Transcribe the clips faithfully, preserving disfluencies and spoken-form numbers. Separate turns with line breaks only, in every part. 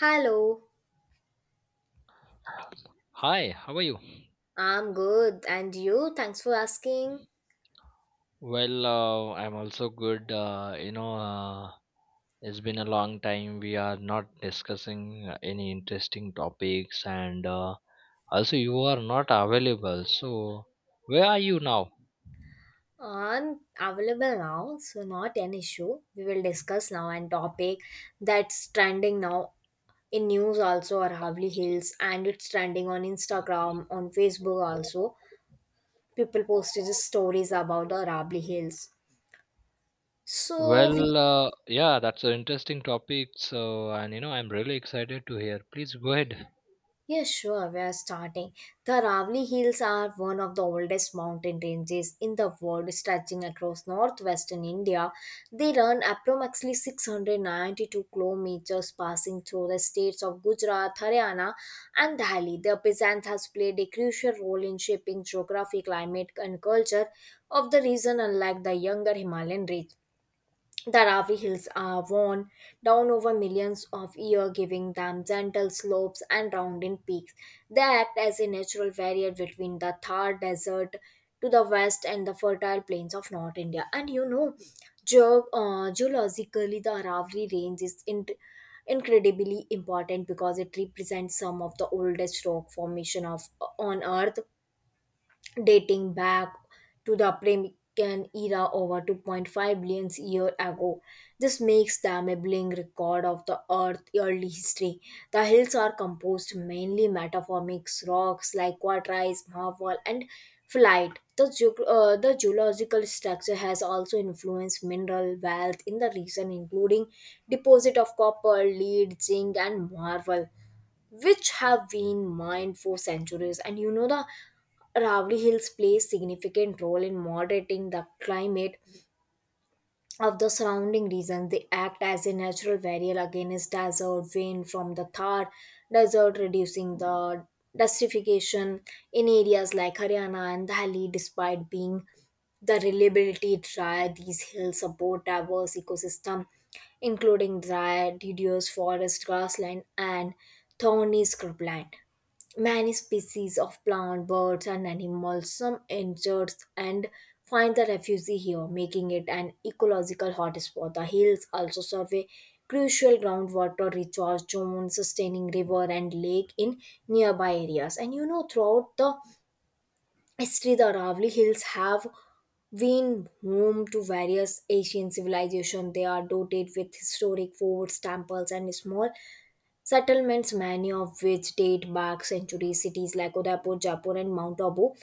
Hello,
Hi, how are you?
I'm good. And you? Thanks for asking.
Well, uh, I'm also good. Uh, you know, uh, it's been a long time. We are not discussing uh, any interesting topics, and uh, also you are not available. So, where are you now?
I'm available now, so not an issue. We will discuss now an topic that's trending now in news also or Havli Hills, and it's trending on Instagram, on Facebook also. People posted stories about the Rabli Hills. So we...
Well, uh, yeah, that's an interesting topic. So, and you know, I'm really excited to hear. Please go ahead.
Yes, sure, we are starting. The Ravli Hills are one of the oldest mountain ranges in the world, stretching across northwestern India. They run approximately six hundred ninety-two kilometers, passing through the states of Gujarat, Haryana, and Delhi. Their presence has played a crucial role in shaping geography, climate, and culture of the region, unlike the younger Himalayan range. The Ravi Hills are worn down over millions of years, giving them gentle slopes and rounded peaks. They act as a natural barrier between the Thar Desert to the west and the fertile plains of North India. And you know, geo- uh, geologically, the Aravalli Range is in- incredibly important because it represents some of the oldest rock formation of on Earth, dating back to the Permian era, over two point five billion years ago. This makes them a living record of the Earth's early history. The hills are composed mainly metamorphic rocks like quartzites, marble, and flight. The, geog- uh, the geological structure has also influenced mineral wealth in the region, including deposit of copper, lead, zinc, and marble, which have been mined for centuries. And you know, the Ravli Hills plays significant role in moderating the climate of the surrounding region. They act as a natural barrier against desert wind from the Thar Desert, reducing the dustification in areas like Haryana and Delhi. Despite being the reliability dry, these hills support diverse ecosystem, including dry deciduous forest, grassland, and thorny scrubland. Many species of plant, birds, and animals, some injured, and find the refuge here, making it an ecological hotspot. The hills also serve a crucial groundwater recharge zone, sustaining river and lake in nearby areas. And you know, throughout the history, the Aravali Hills have been home to various Asian civilizations. They are dotted with historic forts, temples, and small settlements, many of which date back centuries. Cities like Udaipur, Jaipur, and Mount Abu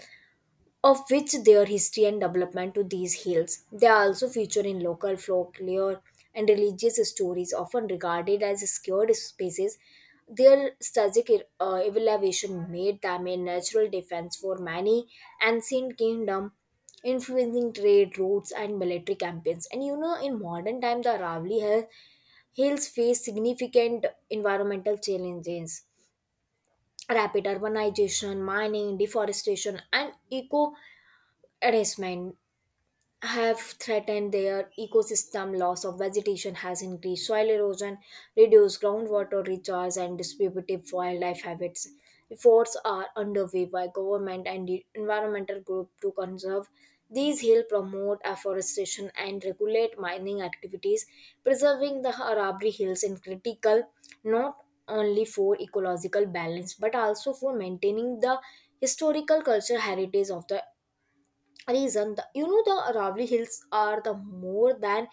of which their history and development to these hills. They are also featured in local folklore and religious stories, often regarded as scared spaces. Their strategic uh, evaluation made them a natural defense for many ancient kingdoms, influencing trade routes and military campaigns. And you know, in modern time, the Aravali has hills face significant environmental challenges: rapid urbanization, mining, deforestation, and eco arrestment have threatened their ecosystem. Loss of vegetation has increased soil erosion, reduced groundwater recharge, and distributive wildlife habits. Efforts are underway by government and the environmental group to conserve these hills, promote afforestation, and regulate mining activities. Preserving the Arabri Hills is critical not only for ecological balance but also for maintaining the historical cultural heritage of the reason. The, you know the Aravali hills are the more than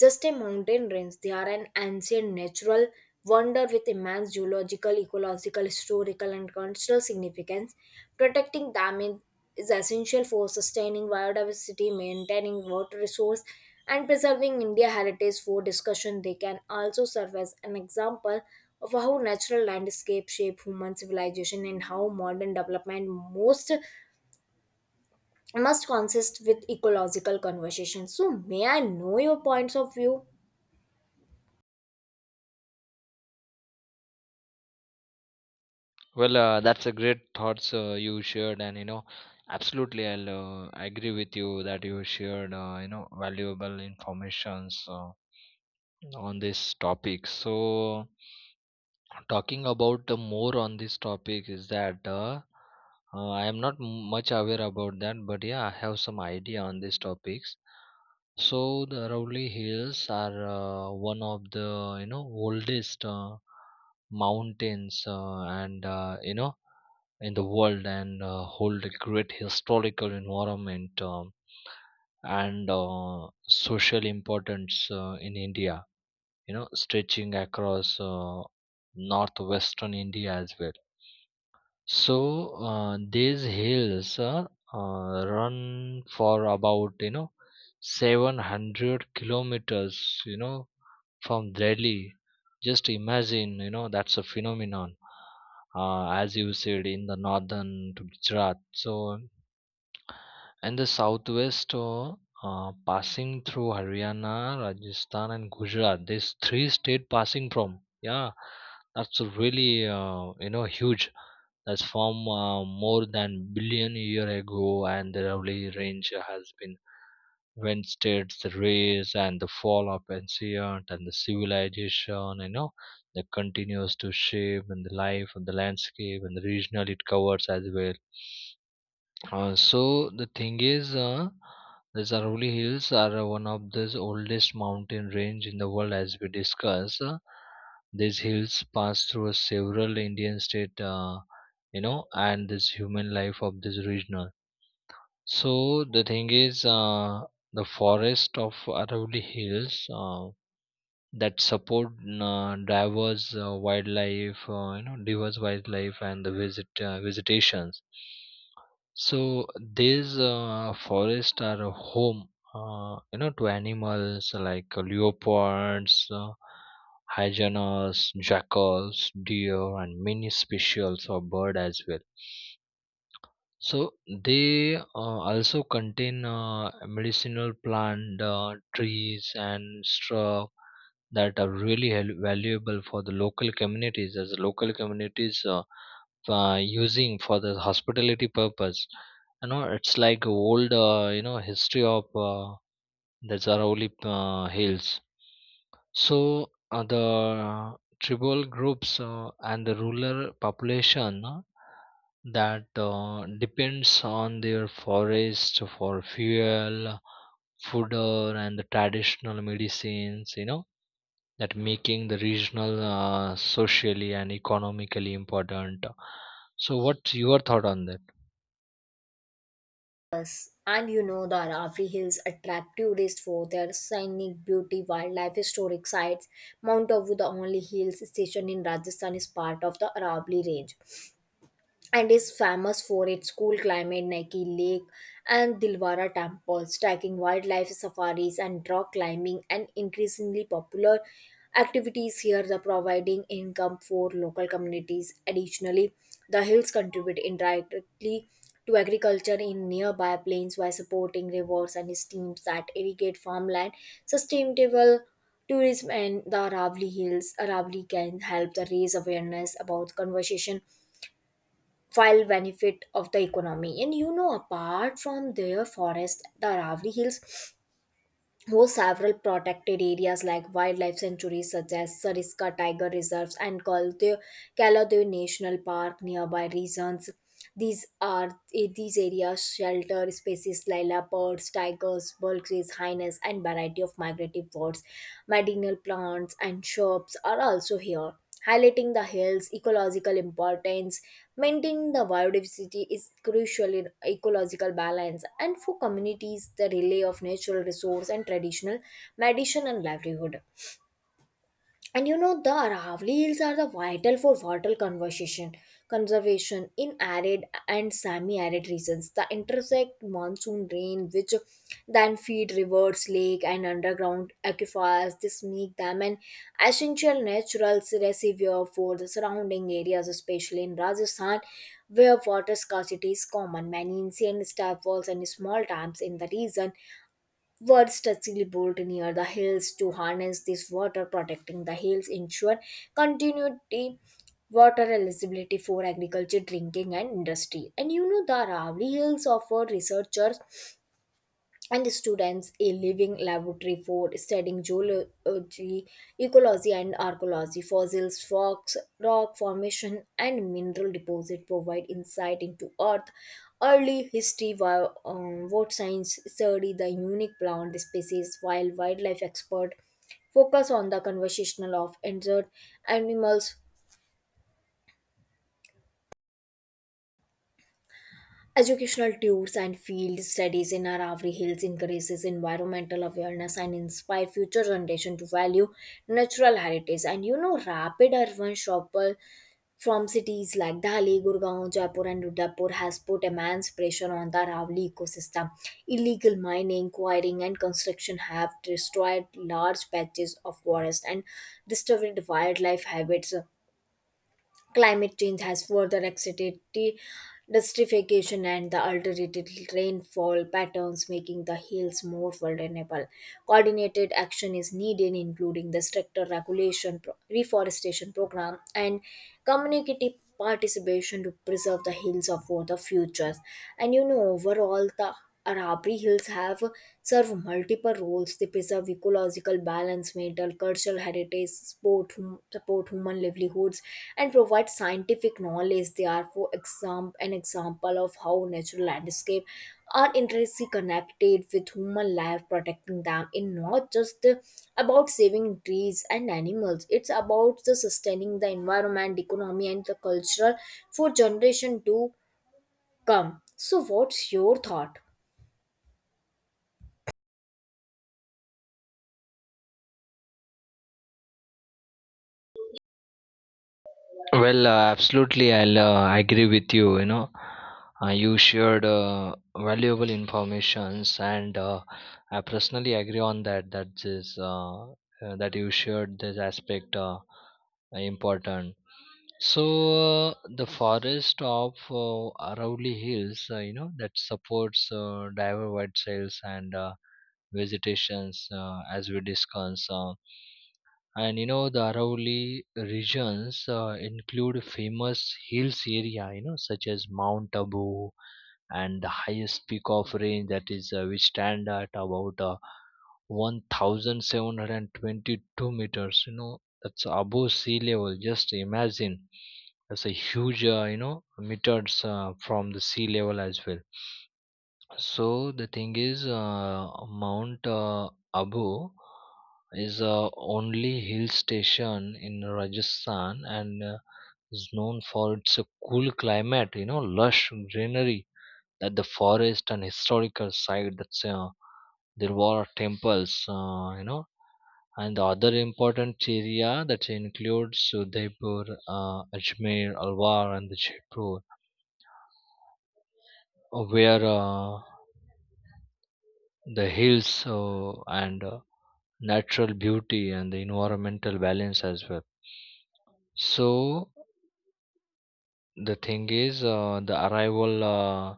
just a mountain range. They are an ancient natural wonder with immense geological, ecological, historical, and cultural significance. Protecting them in- is essential for sustaining biodiversity, maintaining water resource, and preserving india heritage for discussion. They can also serve as an example of how natural landscape shape human civilization, and how modern development most must consist with ecological conversation. So, may I know your points of view?
Well, uh, that's a great thoughts uh, you shared, and you know, absolutely, I'll uh, agree with you that you shared, uh, you know, valuable informations. Uh, on this topic. So, talking about the more on this topic is that uh, uh, I am not much aware about that, but yeah, I have some idea on these topics. So, the Aravalli Hills are uh, one of the you know oldest uh, mountains uh, and uh, you know in the world and uh, hold a great historical environment um, and uh, social importance uh, in India, you know, stretching across uh, northwestern India as well. So uh, these hills are uh, run for about, you know, seven hundred kilometers, you know, from Delhi. Just imagine, you know, that's a phenomenon, uh, as you said, in the northern to Gujarat. So and the southwest, uh, uh, passing through Haryana, Rajasthan and Gujarat, these three state passing from. Yeah, that's really uh, you know huge. That's from uh, more than billion year ago, and the lovely range has been when states the race and the fall of ancient and the civilization, you know, that continues to shape and the life and the landscape and the regional it covers as well. Uh, so the thing is, uh, the Aravalli Hills are uh, one of the oldest mountain range in the world, as we discussed. Uh, these hills pass through several Indian state, uh, you know, and this human life of this region. So the thing is, uh, the forest of Aravalli Hills uh, that support uh, diverse uh, wildlife, uh, you know, diverse wildlife and the visit uh, visitations. So these uh, forests are a home, uh, you know, to animals like leopards, uh, hyenas, jackals, deer, and many species of bird as well. So they uh, also contain uh, medicinal plant, uh, trees, and straw that are really hel- valuable for the local communities, as the local communities uh, uh, using for the hospitality purpose. You know, it's like old, uh, you know, history of uh, that's Arauli uh, Hills. So uh, the tribal groups uh, and the rural population uh, that uh, depends on their forest for fuel, fodder, and the traditional medicines. You know that making the regional uh, socially and economically important. So, what's your thought on that?
And you know, the Aravi Hills attract tourists for their scenic beauty, wildlife, historic sites. Mount Abu, the only hill station in Rajasthan, is part of the Aravalli Range, and is famous for its cool climate, Nike Lake, and Dilwara temples. Tracking wildlife safaris and rock climbing and increasingly popular activities here, the providing income for local communities. Additionally, the hills contribute indirectly to agriculture in nearby plains by supporting rivers and streams that irrigate farmland. Sustainable tourism and the Aravali hills Aravali can help the raise awareness about conservation while benefit of the economy. And you know, apart from their forest, the Aravali hills host several protected areas like wildlife sanctuaries, such as Sariska tiger reserves and Kaldev Kaladev National Park nearby regions. These are, eh, these areas shelter species like leopards, tigers, vultures, hyenas, and variety of migratory birds. Medicinal plants and shrubs are also here, highlighting the hill's ecological importance. Maintaining the biodiversity is crucial in ecological balance, and for communities the relay of natural resource and traditional medicine and livelihood. And you know, the Aravali Hills are the vital for water conservation, conservation in arid and semi-arid regions. The intersect monsoon rain, which then feed rivers, lake, and underground aquifers. This make them an essential natural reservoir for the surrounding areas, especially in Rajasthan, where water scarcity is common. Many ancient step walls and small dams in the region words touchingly bolt near the hills to harness this water. Protecting the hills, ensure continuity, water eligibility for agriculture, drinking, and industry. And you know, the Aravali Hills offer researchers and the students a living laboratory for studying geology, ecology, and archaeology. Fossils, rocks, rock formation, and mineral deposit provide insight into Earth early history. While um, what science study the unique plant species, while wildlife expert focus on the conversational of endangered animals. Educational tours and field studies in Aravalli Hills increases environmental awareness and inspire future generation to value natural heritage. And you know, rapid urban shuffle from cities like Delhi, Gurgaon, Jaipur, and Udaipur has put immense pressure on the Aravalli ecosystem. Illegal mining, quarrying, and construction have destroyed large patches of forest and disturbed wildlife habits. Climate change has further accelerated the desertification and the altered rainfall patterns, making the hills more vulnerable. Coordinated action is needed, including the stricter regulation, pro- reforestation program, and community participation to preserve the hills of for the futures. And you know, overall, the Arabri Hills have served multiple roles. They preserve ecological balance, maintain cultural heritage, support, hum- support human livelihoods, and provide scientific knowledge. They are, for example, an example of how natural landscape are intrinsically connected with human life. Protecting them is not just about saving trees and animals. It's about the sustaining the environment, economy, and the cultural for generation to come. So, what's your thought?
Well, uh, absolutely, I'll uh, agree with you. You know, uh, you shared uh, valuable informations, and uh, I personally agree on that. That is uh, uh, that you shared this aspect uh, important. So uh, the forest of uh, Aravalli Hills, uh, you know, that supports uh, diver white sails and uh, vegetations, uh, as we discussed. Uh, and you know the Arauli regions uh, include famous hills area, you know, such as Mount Abu and the highest peak of range, that is uh, we stand at about uh, one thousand seven hundred twenty-two meters. You know, that's above sea level. Just imagine that's a huge, uh, you know, meters uh, from the sea level as well. So the thing is, uh, Mount uh, Abu is a only hill station in Rajasthan and uh, is known for its uh, cool climate, you know, lush greenery, that the forest and historical site. That's uh, there were temples, uh, you know, and the other important area that includes Udaipur, uh, Ajmer, Alwar, and the Jaipur, uh, where uh, the hills uh, and uh, natural beauty and the environmental balance as well. So the thing is uh, the arrival uh,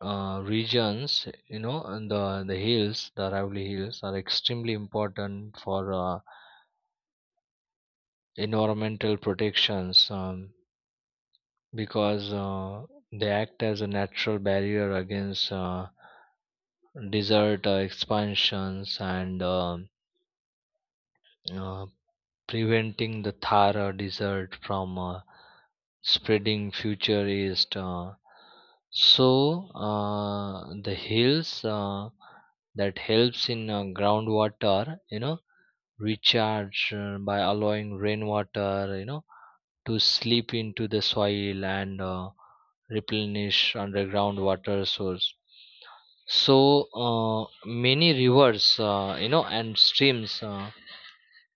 uh, regions, you know, and the the hills, the arrival hills, are extremely important for uh, environmental protections, um, because uh, they act as a natural barrier against uh, desert uh, expansions and um uh, preventing the Thar uh, desert from uh, spreading future east. uh, so uh, the hills uh, that helps in uh, groundwater, you know, recharge uh, by allowing rainwater, you know, to slip into the soil and uh, replenish underground water source. So uh, many rivers, uh, you know, and streams. Uh,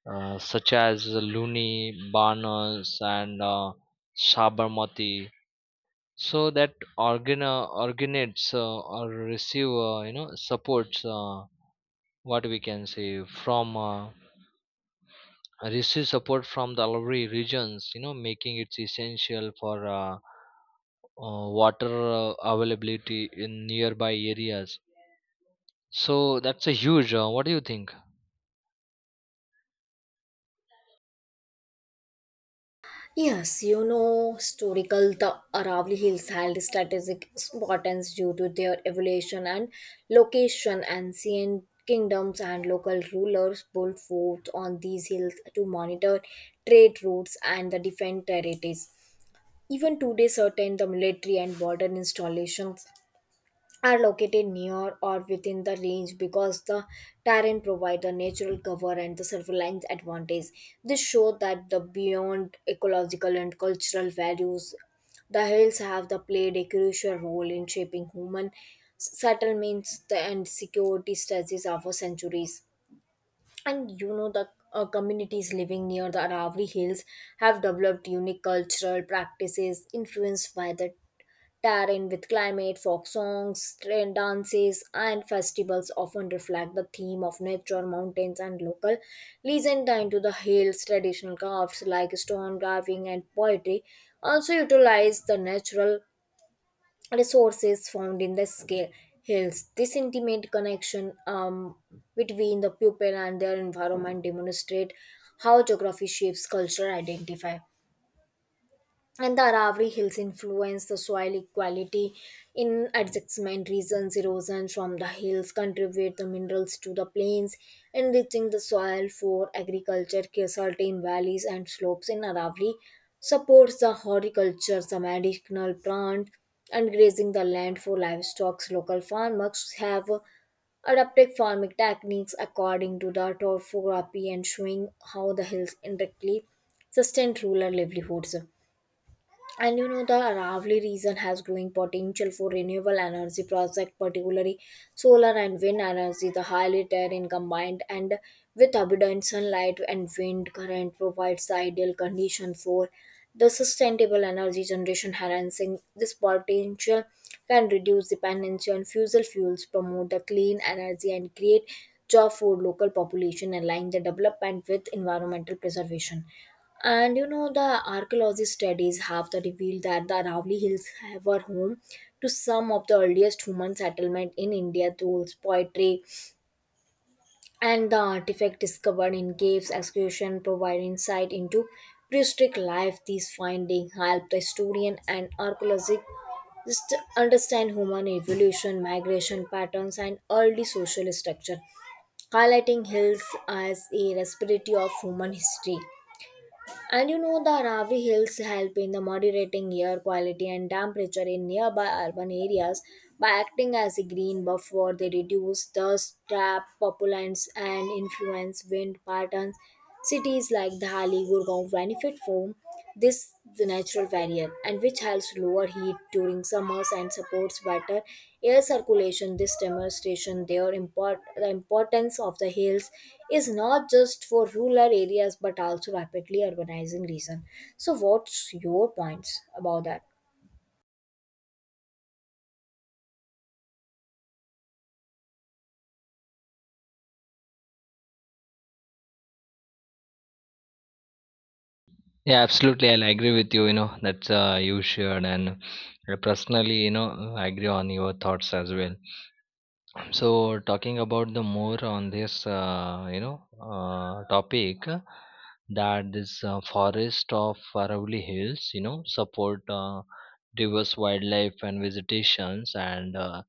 uh, Such as Luni, Banas, and uh, Sabarmati, so that organ uh, organates uh, or receive uh, you know supports uh, what we can say, from uh, receive support from the alveolar regions, you know, making it essential for uh, uh, water uh, availability in nearby areas. So that's a huge. Uh, what do you think?
Yes, you know, historical the Aravalli Hills held strategic importance due to their evolution and location. Ancient kingdoms and local rulers built forts on these hills to monitor trade routes and the defend territories. Even today, certain the military and border installations are located near or within the range because the terrain provide the natural cover and the surveillance advantage. This shows that the beyond ecological and cultural values, the hills have the played a crucial role in shaping human settlements and security strategies over centuries. And you know, the uh, communities living near the Aravalli Hills have developed unique cultural practices influenced by the Taryn with climate. Folk songs, trend dances, and festivals often reflect the theme of nature, mountains, and local legend tied to the hills. Traditional crafts like stone carving and poetry also utilize the natural resources found in the scale hills. This intimate connection um, between the people and their environment demonstrate how geography shapes cultural identity, and the Aravalli Hills influence the soil equality in adjacent regions. Erosion from the hills contribute the minerals to the plains, enriching the soil for agriculture. Certain valleys and slopes in Aravalli supports the horticulture, the medicinal plant, and grazing the land for livestock. Local farmers have adapted farming techniques according to the topography and showing how the hills indirectly sustain rural livelihoods. And you know, the Aravali region has growing potential for renewable energy projects, particularly solar and wind energy. The highly terrain combined and with abundant sunlight and wind current provides the ideal condition for the sustainable energy generation. Harnessing this potential can reduce dependency on fossil fuels, promote the clean energy, and create job for local population align the development with environmental preservation. And you know, the archaeology studies have the revealed that the Aravali Hills were home to some of the earliest human settlement in India. Tools, poetry, and the artifact discovered in caves excavation provide insight into prehistoric life. These findings help the historian and archaeologist just understand human evolution, migration patterns, and early social structure, highlighting hills as a respiratory of human history. And you know, the Ravi Hills help in the moderating air quality and temperature in nearby urban areas by acting as a green buffer. They reduce dust, trap, pollutants, and influence wind patterns. Cities like Delhi, Gurgaon benefit from this the natural barrier, and which helps lower heat during summers and supports better air circulation. This demonstration their import the importance of the hills is not just for rural areas but also rapidly urbanizing region. So what's your points about that?
Yeah, absolutely. I'll agree with you. You know, that's uh, you shared, and uh, personally, you know, I agree on your thoughts as well. So, talking about the more on this, uh, you know, uh, topic uh, that this uh, forest of Aravalli Hills, you know, support uh, diverse wildlife and visitations, and uh,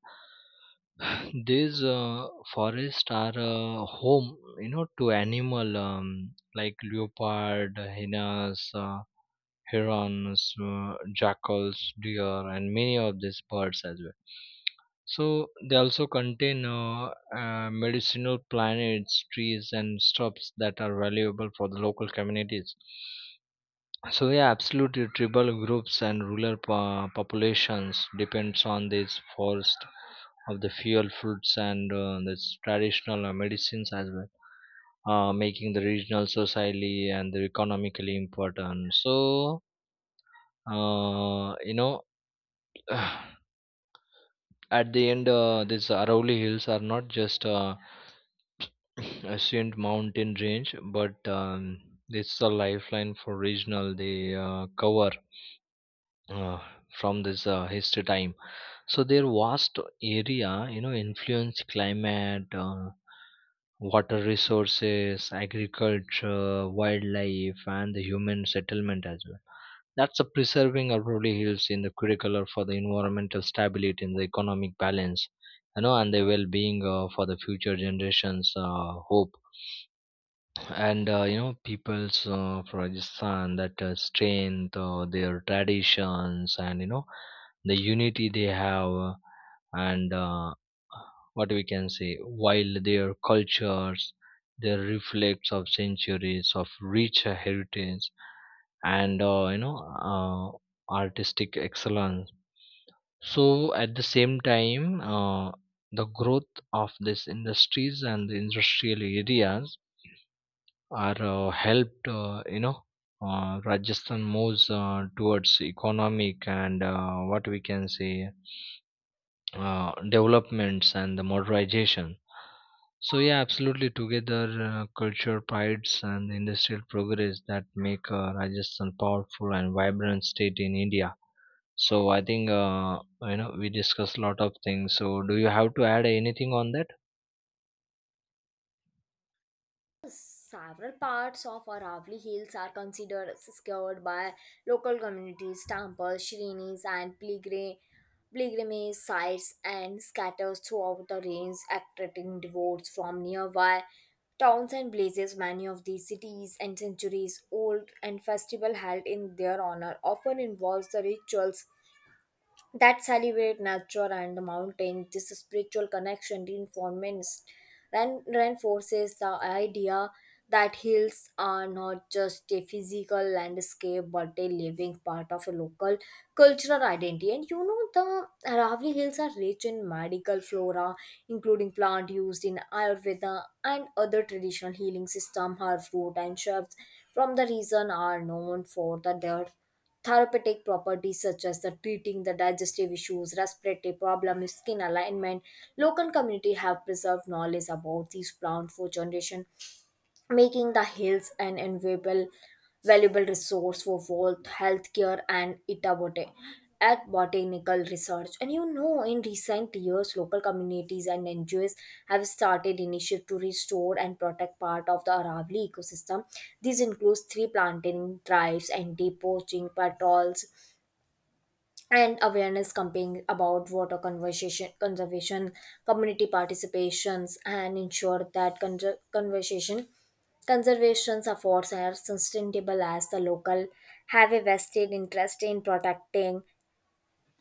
these uh, forests are uh, home, you know, to animal um, like leopard, hyenas. Uh, herons, uh, jackals, deer, and many of these birds as well. So they also contain uh, uh, medicinal plants, trees, and shrubs that are valuable for the local communities. So yeah, absolutely. Tribal groups and rural po- populations depends on this forest of the fuel fruits and uh, this traditional uh, medicines as well, uh, making the regional society and the economically important. So uh, you know, at the end, uh, these Arauli Hills are not just uh, ancient mountain range, but um, it's a lifeline for regional. They uh, cover uh, from this uh, history time. So their vast area, you know, influence climate, uh, water resources, agriculture, wildlife, and the human settlement as well. That's a preserving Aurora Hills in the curricular for the environmental stability and the economic balance, you know, and the well-being uh, for the future generations. Uh, hope and uh, you know peoples uh, from Rajasthan that uh, strength uh, their traditions, and you know the unity they have, uh, and uh, what we can say, while their cultures their reflects of centuries of rich heritage, and uh, you know uh, artistic excellence. So at the same time uh, the growth of these industries and the industrial areas are uh, helped, uh, you know, uh, Rajasthan moves uh, towards economic and uh, what we can say uh, developments and the modernization. So yeah, absolutely. Together, uh, culture, prides, and the industrial progress that make uh, Rajasthan powerful and vibrant state in India. So I think uh, you know we discussed a lot of things. So do you have to add anything on that?
Several parts of Aravali Hills are considered secured by local communities. Temples, shrinis, and pilgrim- pilgrimage sites, and scatters throughout the range, attracting devotees from nearby towns and places. Many of these cities and centuries old and festival held in their honor often involves the rituals that celebrate nature and the mountain. This spiritual connection reinforces and reinforces the idea that hills are not just a physical landscape but a living part of a local cultural identity. And you know, the Aravalli Hills are rich in medical flora, including plant used in Ayurveda and other traditional healing system. Herb root and shrubs from the region are known for the, their therapeutic properties, such as the treating the digestive issues, respiratory problems, skin alignment. Local community have preserved knowledge about these plants for generation, making the hills an invaluable valuable resource for both healthcare and itabote at botanical research. And you know in recent years, local communities and NGOs have started initiatives to restore and protect part of the Aravali ecosystem. This includes tree planting drives and depoaching patrols and awareness campaign about water conversation conservation. Community participations and ensure that conser- conversation conservation efforts are sustainable, as the local have a vested interest in protecting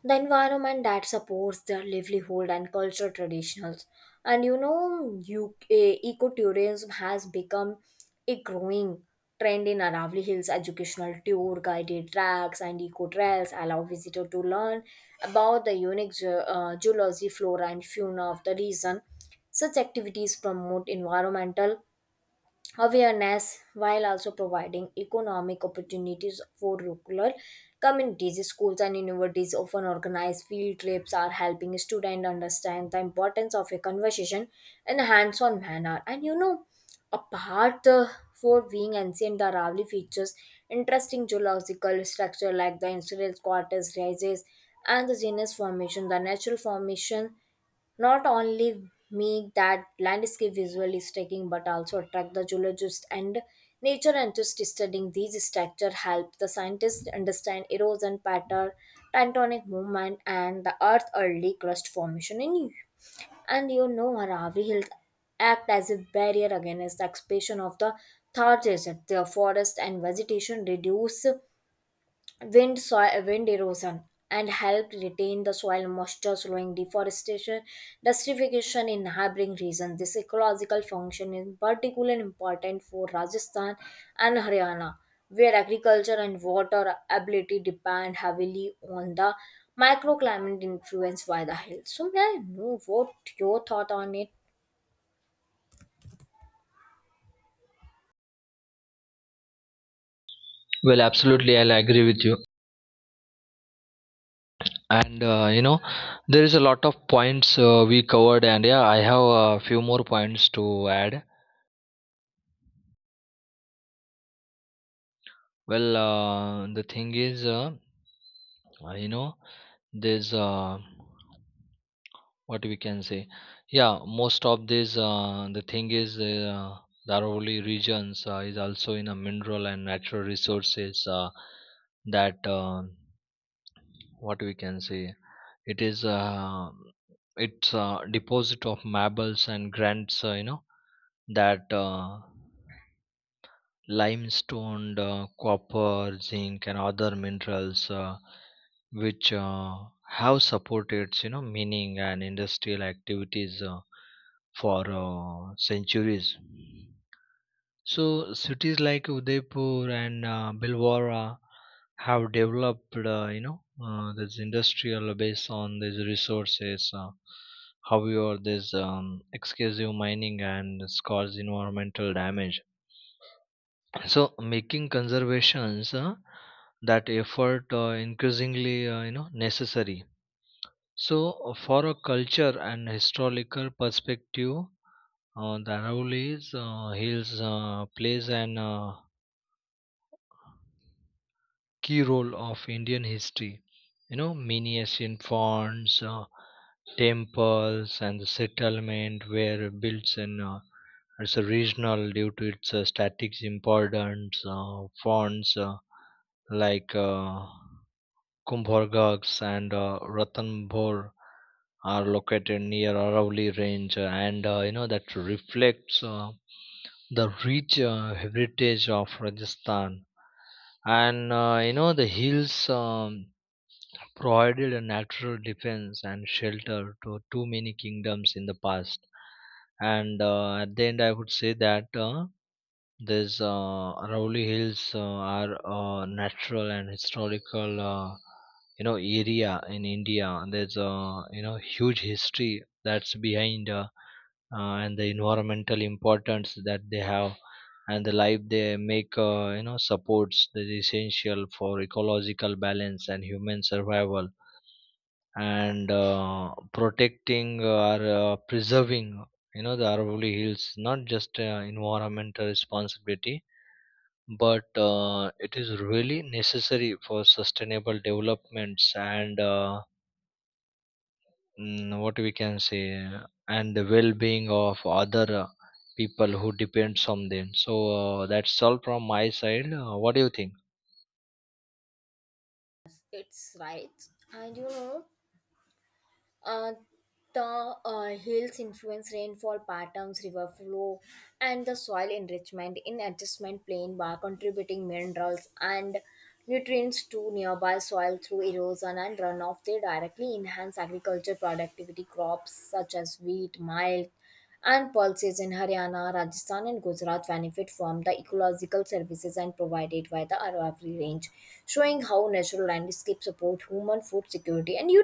the environment that supports their livelihood and cultural traditions. And you know you ecotourism has become a growing trend in Aravali Hills. Educational tour, guided tracks, and eco trails allow visitors to learn about the unique ge- uh, geology, flora, and fauna of the region. Such activities promote environmental awareness while also providing economic opportunities for rural communities. Schools and universities often organize field trips are helping students understand the importance of a conversation in a hands-on manner. And you know apart uh, For being ancient, the Aravalli features interesting geological structure like the insular quarters rises and the genus formation. The natural formation not only make that landscape visually striking but also attract the geologists and nature enthusiasts. Studying these structure help the scientists understand erosion pattern, tectonic movement, and the earth early crust formation in you. And you know Aravi Hills act as a barrier against the expansion of the Thar desert. The forest and vegetation reduce wind soil wind erosion and help retain the soil moisture, slowing deforestation desertification in neighboring regions. This ecological function is particularly important for Rajasthan and Haryana, where agriculture and water ability depend heavily on the microclimate influenced by the hills. So may I know what your thought on it?
Well, absolutely, I'll agree with you. and uh, you know there is a lot of points uh, we covered, and yeah I have a few more points to add. Well uh, the thing is uh, uh, you know there's uh, what we can say, yeah, most of this, uh, the thing is, uh, Dharavali regions uh, is also in a mineral and natural resources uh, that uh, what we can say, it is uh, it's a deposit of marbles and grants, uh, you know, that uh, limestone, uh, copper, zinc, and other minerals uh, which uh, have supported, you know, mining and industrial activities uh, for uh, centuries. So cities like Udaipur and uh, Bilwara have developed, uh, you know, uh, this industrial based on these resources. Uh, however, this um, excessive mining and this cause environmental damage. So making conservations, uh, that effort uh, increasingly, uh, you know, necessary. So uh, for a culture and historical perspective, uh, the Aravallis uh, Hills uh, plays an uh, key role of Indian history. You know, many ancient fonts, uh, temples, and the settlement were built in uh, it's a regional due to its uh, static importance. Uh, fonts uh, like uh, Kumbhorghaks and uh, Ranthambore are located near Aravalli Range, and uh, you know that reflects uh, the rich uh, heritage of Rajasthan. And uh, you know the hills um, provided a natural defense and shelter to too many kingdoms in the past. And uh, at the end, I would say that. Uh, these uh, Rowley Hills uh, are a natural and historical, uh, you know, area in India. There's a you know huge history that's behind, uh, uh, and the environmental importance that they have, and the life they make, uh, you know, supports that is essential for ecological balance and human survival, and uh, protecting or uh, preserving, you know, the Aravalli Hills not just uh, environmental responsibility, but uh, it is really necessary for sustainable developments and uh, mm, what we can say uh, and the well-being of other uh, people who depends on them. So uh, that's all from my side. Uh, what do you
It's right. And you know Uh, the uh, hills influence rainfall patterns, river flow, and the soil enrichment in adjustment plain by contributing minerals and nutrients to nearby soil through erosion and runoff. They directly enhance agriculture productivity. Crops such as wheat, millet, and pulses in Haryana, Rajasthan, and Gujarat benefit from the ecological services and provided by the Aravalli range, showing how natural landscape support human food security. And you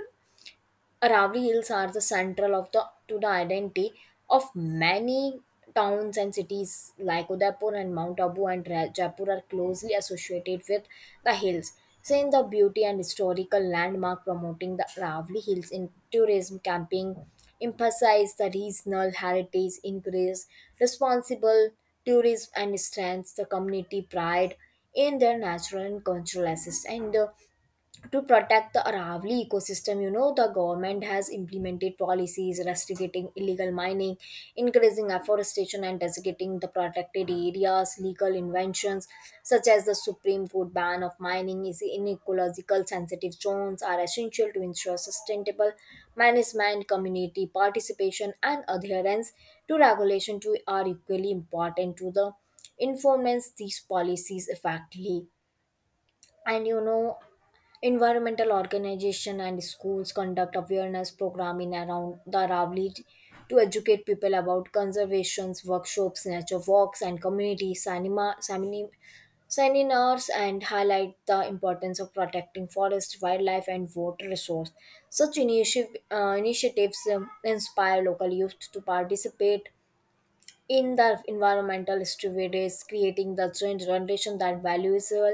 Aravalli Hills are the central of the to the identity of many towns and cities like Udaipur and Mount Abu and Ra- Jaipur are closely associated with the hills. Seeing the beauty and historical landmark promoting the Aravalli Hills in tourism camping emphasize the regional heritage, increase responsible tourism, and strengths the community pride in their natural and cultural assets. And uh, to protect the Aravali ecosystem, you know, the government has implemented policies restricting illegal mining, increasing afforestation, and designating the protected areas. Legal inventions such as the Supreme Court ban of mining is in ecological sensitive zones are essential to ensure sustainable management. Community participation and adherence to regulation too are equally important to the informants these policies effectively. And you know Environmental organization and schools conduct awareness program in around the Ravli to educate people about conservations, workshops, nature walks, and community cinema, semini- seminars and highlight the importance of protecting forest, wildlife, and water resource. Such initiative, uh, initiatives um, inspire local youth to participate in the environmental stewardship is creating the joint generation that values uh,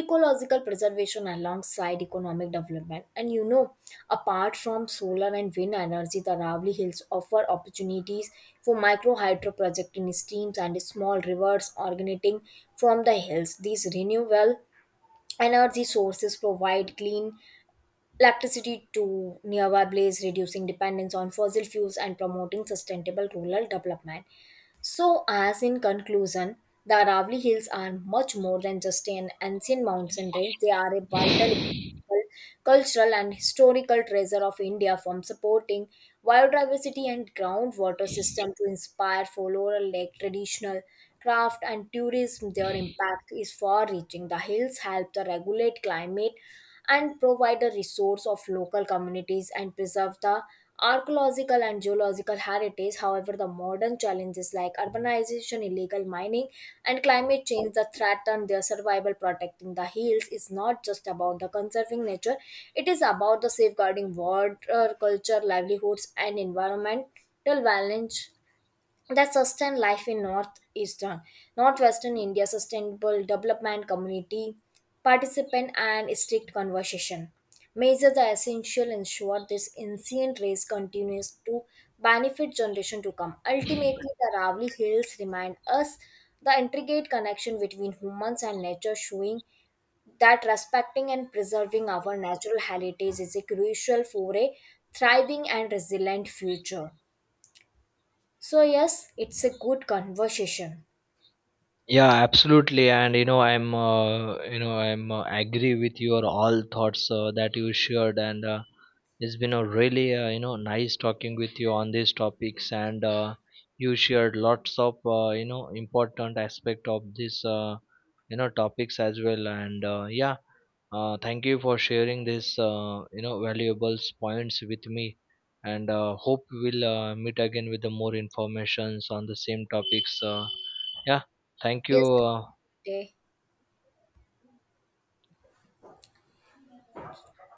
ecological preservation alongside economic development. And you know apart from solar and wind energy, the Ravli hills offer opportunities for micro hydro project in streams and small rivers originating from the hills. These renewable energy sources provide clean electricity to nearby place, reducing dependence on fossil fuels and promoting sustainable rural development. So, as in conclusion, the Aravali Hills are much more than just an ancient mountain range. They are a vital
think?
cultural and historical treasure of India. From supporting biodiversity and groundwater system to inspire folklore like traditional craft and tourism, their impact is far reaching. The hills help to regulate climate, and provide a resource of local communities and preserve the archaeological and geological heritage. However, the modern challenges like urbanization, illegal mining, and climate change that threaten their survival. Protecting the hills is not just about the conserving nature; it is about the safeguarding water, culture, livelihoods, and environmental balance that sustain life in northeastern northwestern India. Sustainable development, community participant, and strict conversation measures are essential ensure this ancient race continues to benefit generation to come. Ultimately, the Ravli hills remind us the intricate connection between humans and nature, showing that respecting and preserving our natural heritage is a crucial for a thriving and resilient future. So yes, it's a good conversation.
Yeah, absolutely, and you know, I'm, uh, you know, I'm uh, agree with your all thoughts uh, that you shared, and uh, it's been a really, uh, you know, nice talking with you on these topics, and uh, you shared lots of, uh, you know, important aspect of this, uh, you know, topics as well, and uh, yeah, uh, thank you for sharing this, uh, you know, valuable points with me, and uh, hope we'll uh, meet again with the more informations on the same topics. Uh, yeah. Thank you.
Yes.
Uh,
Okay.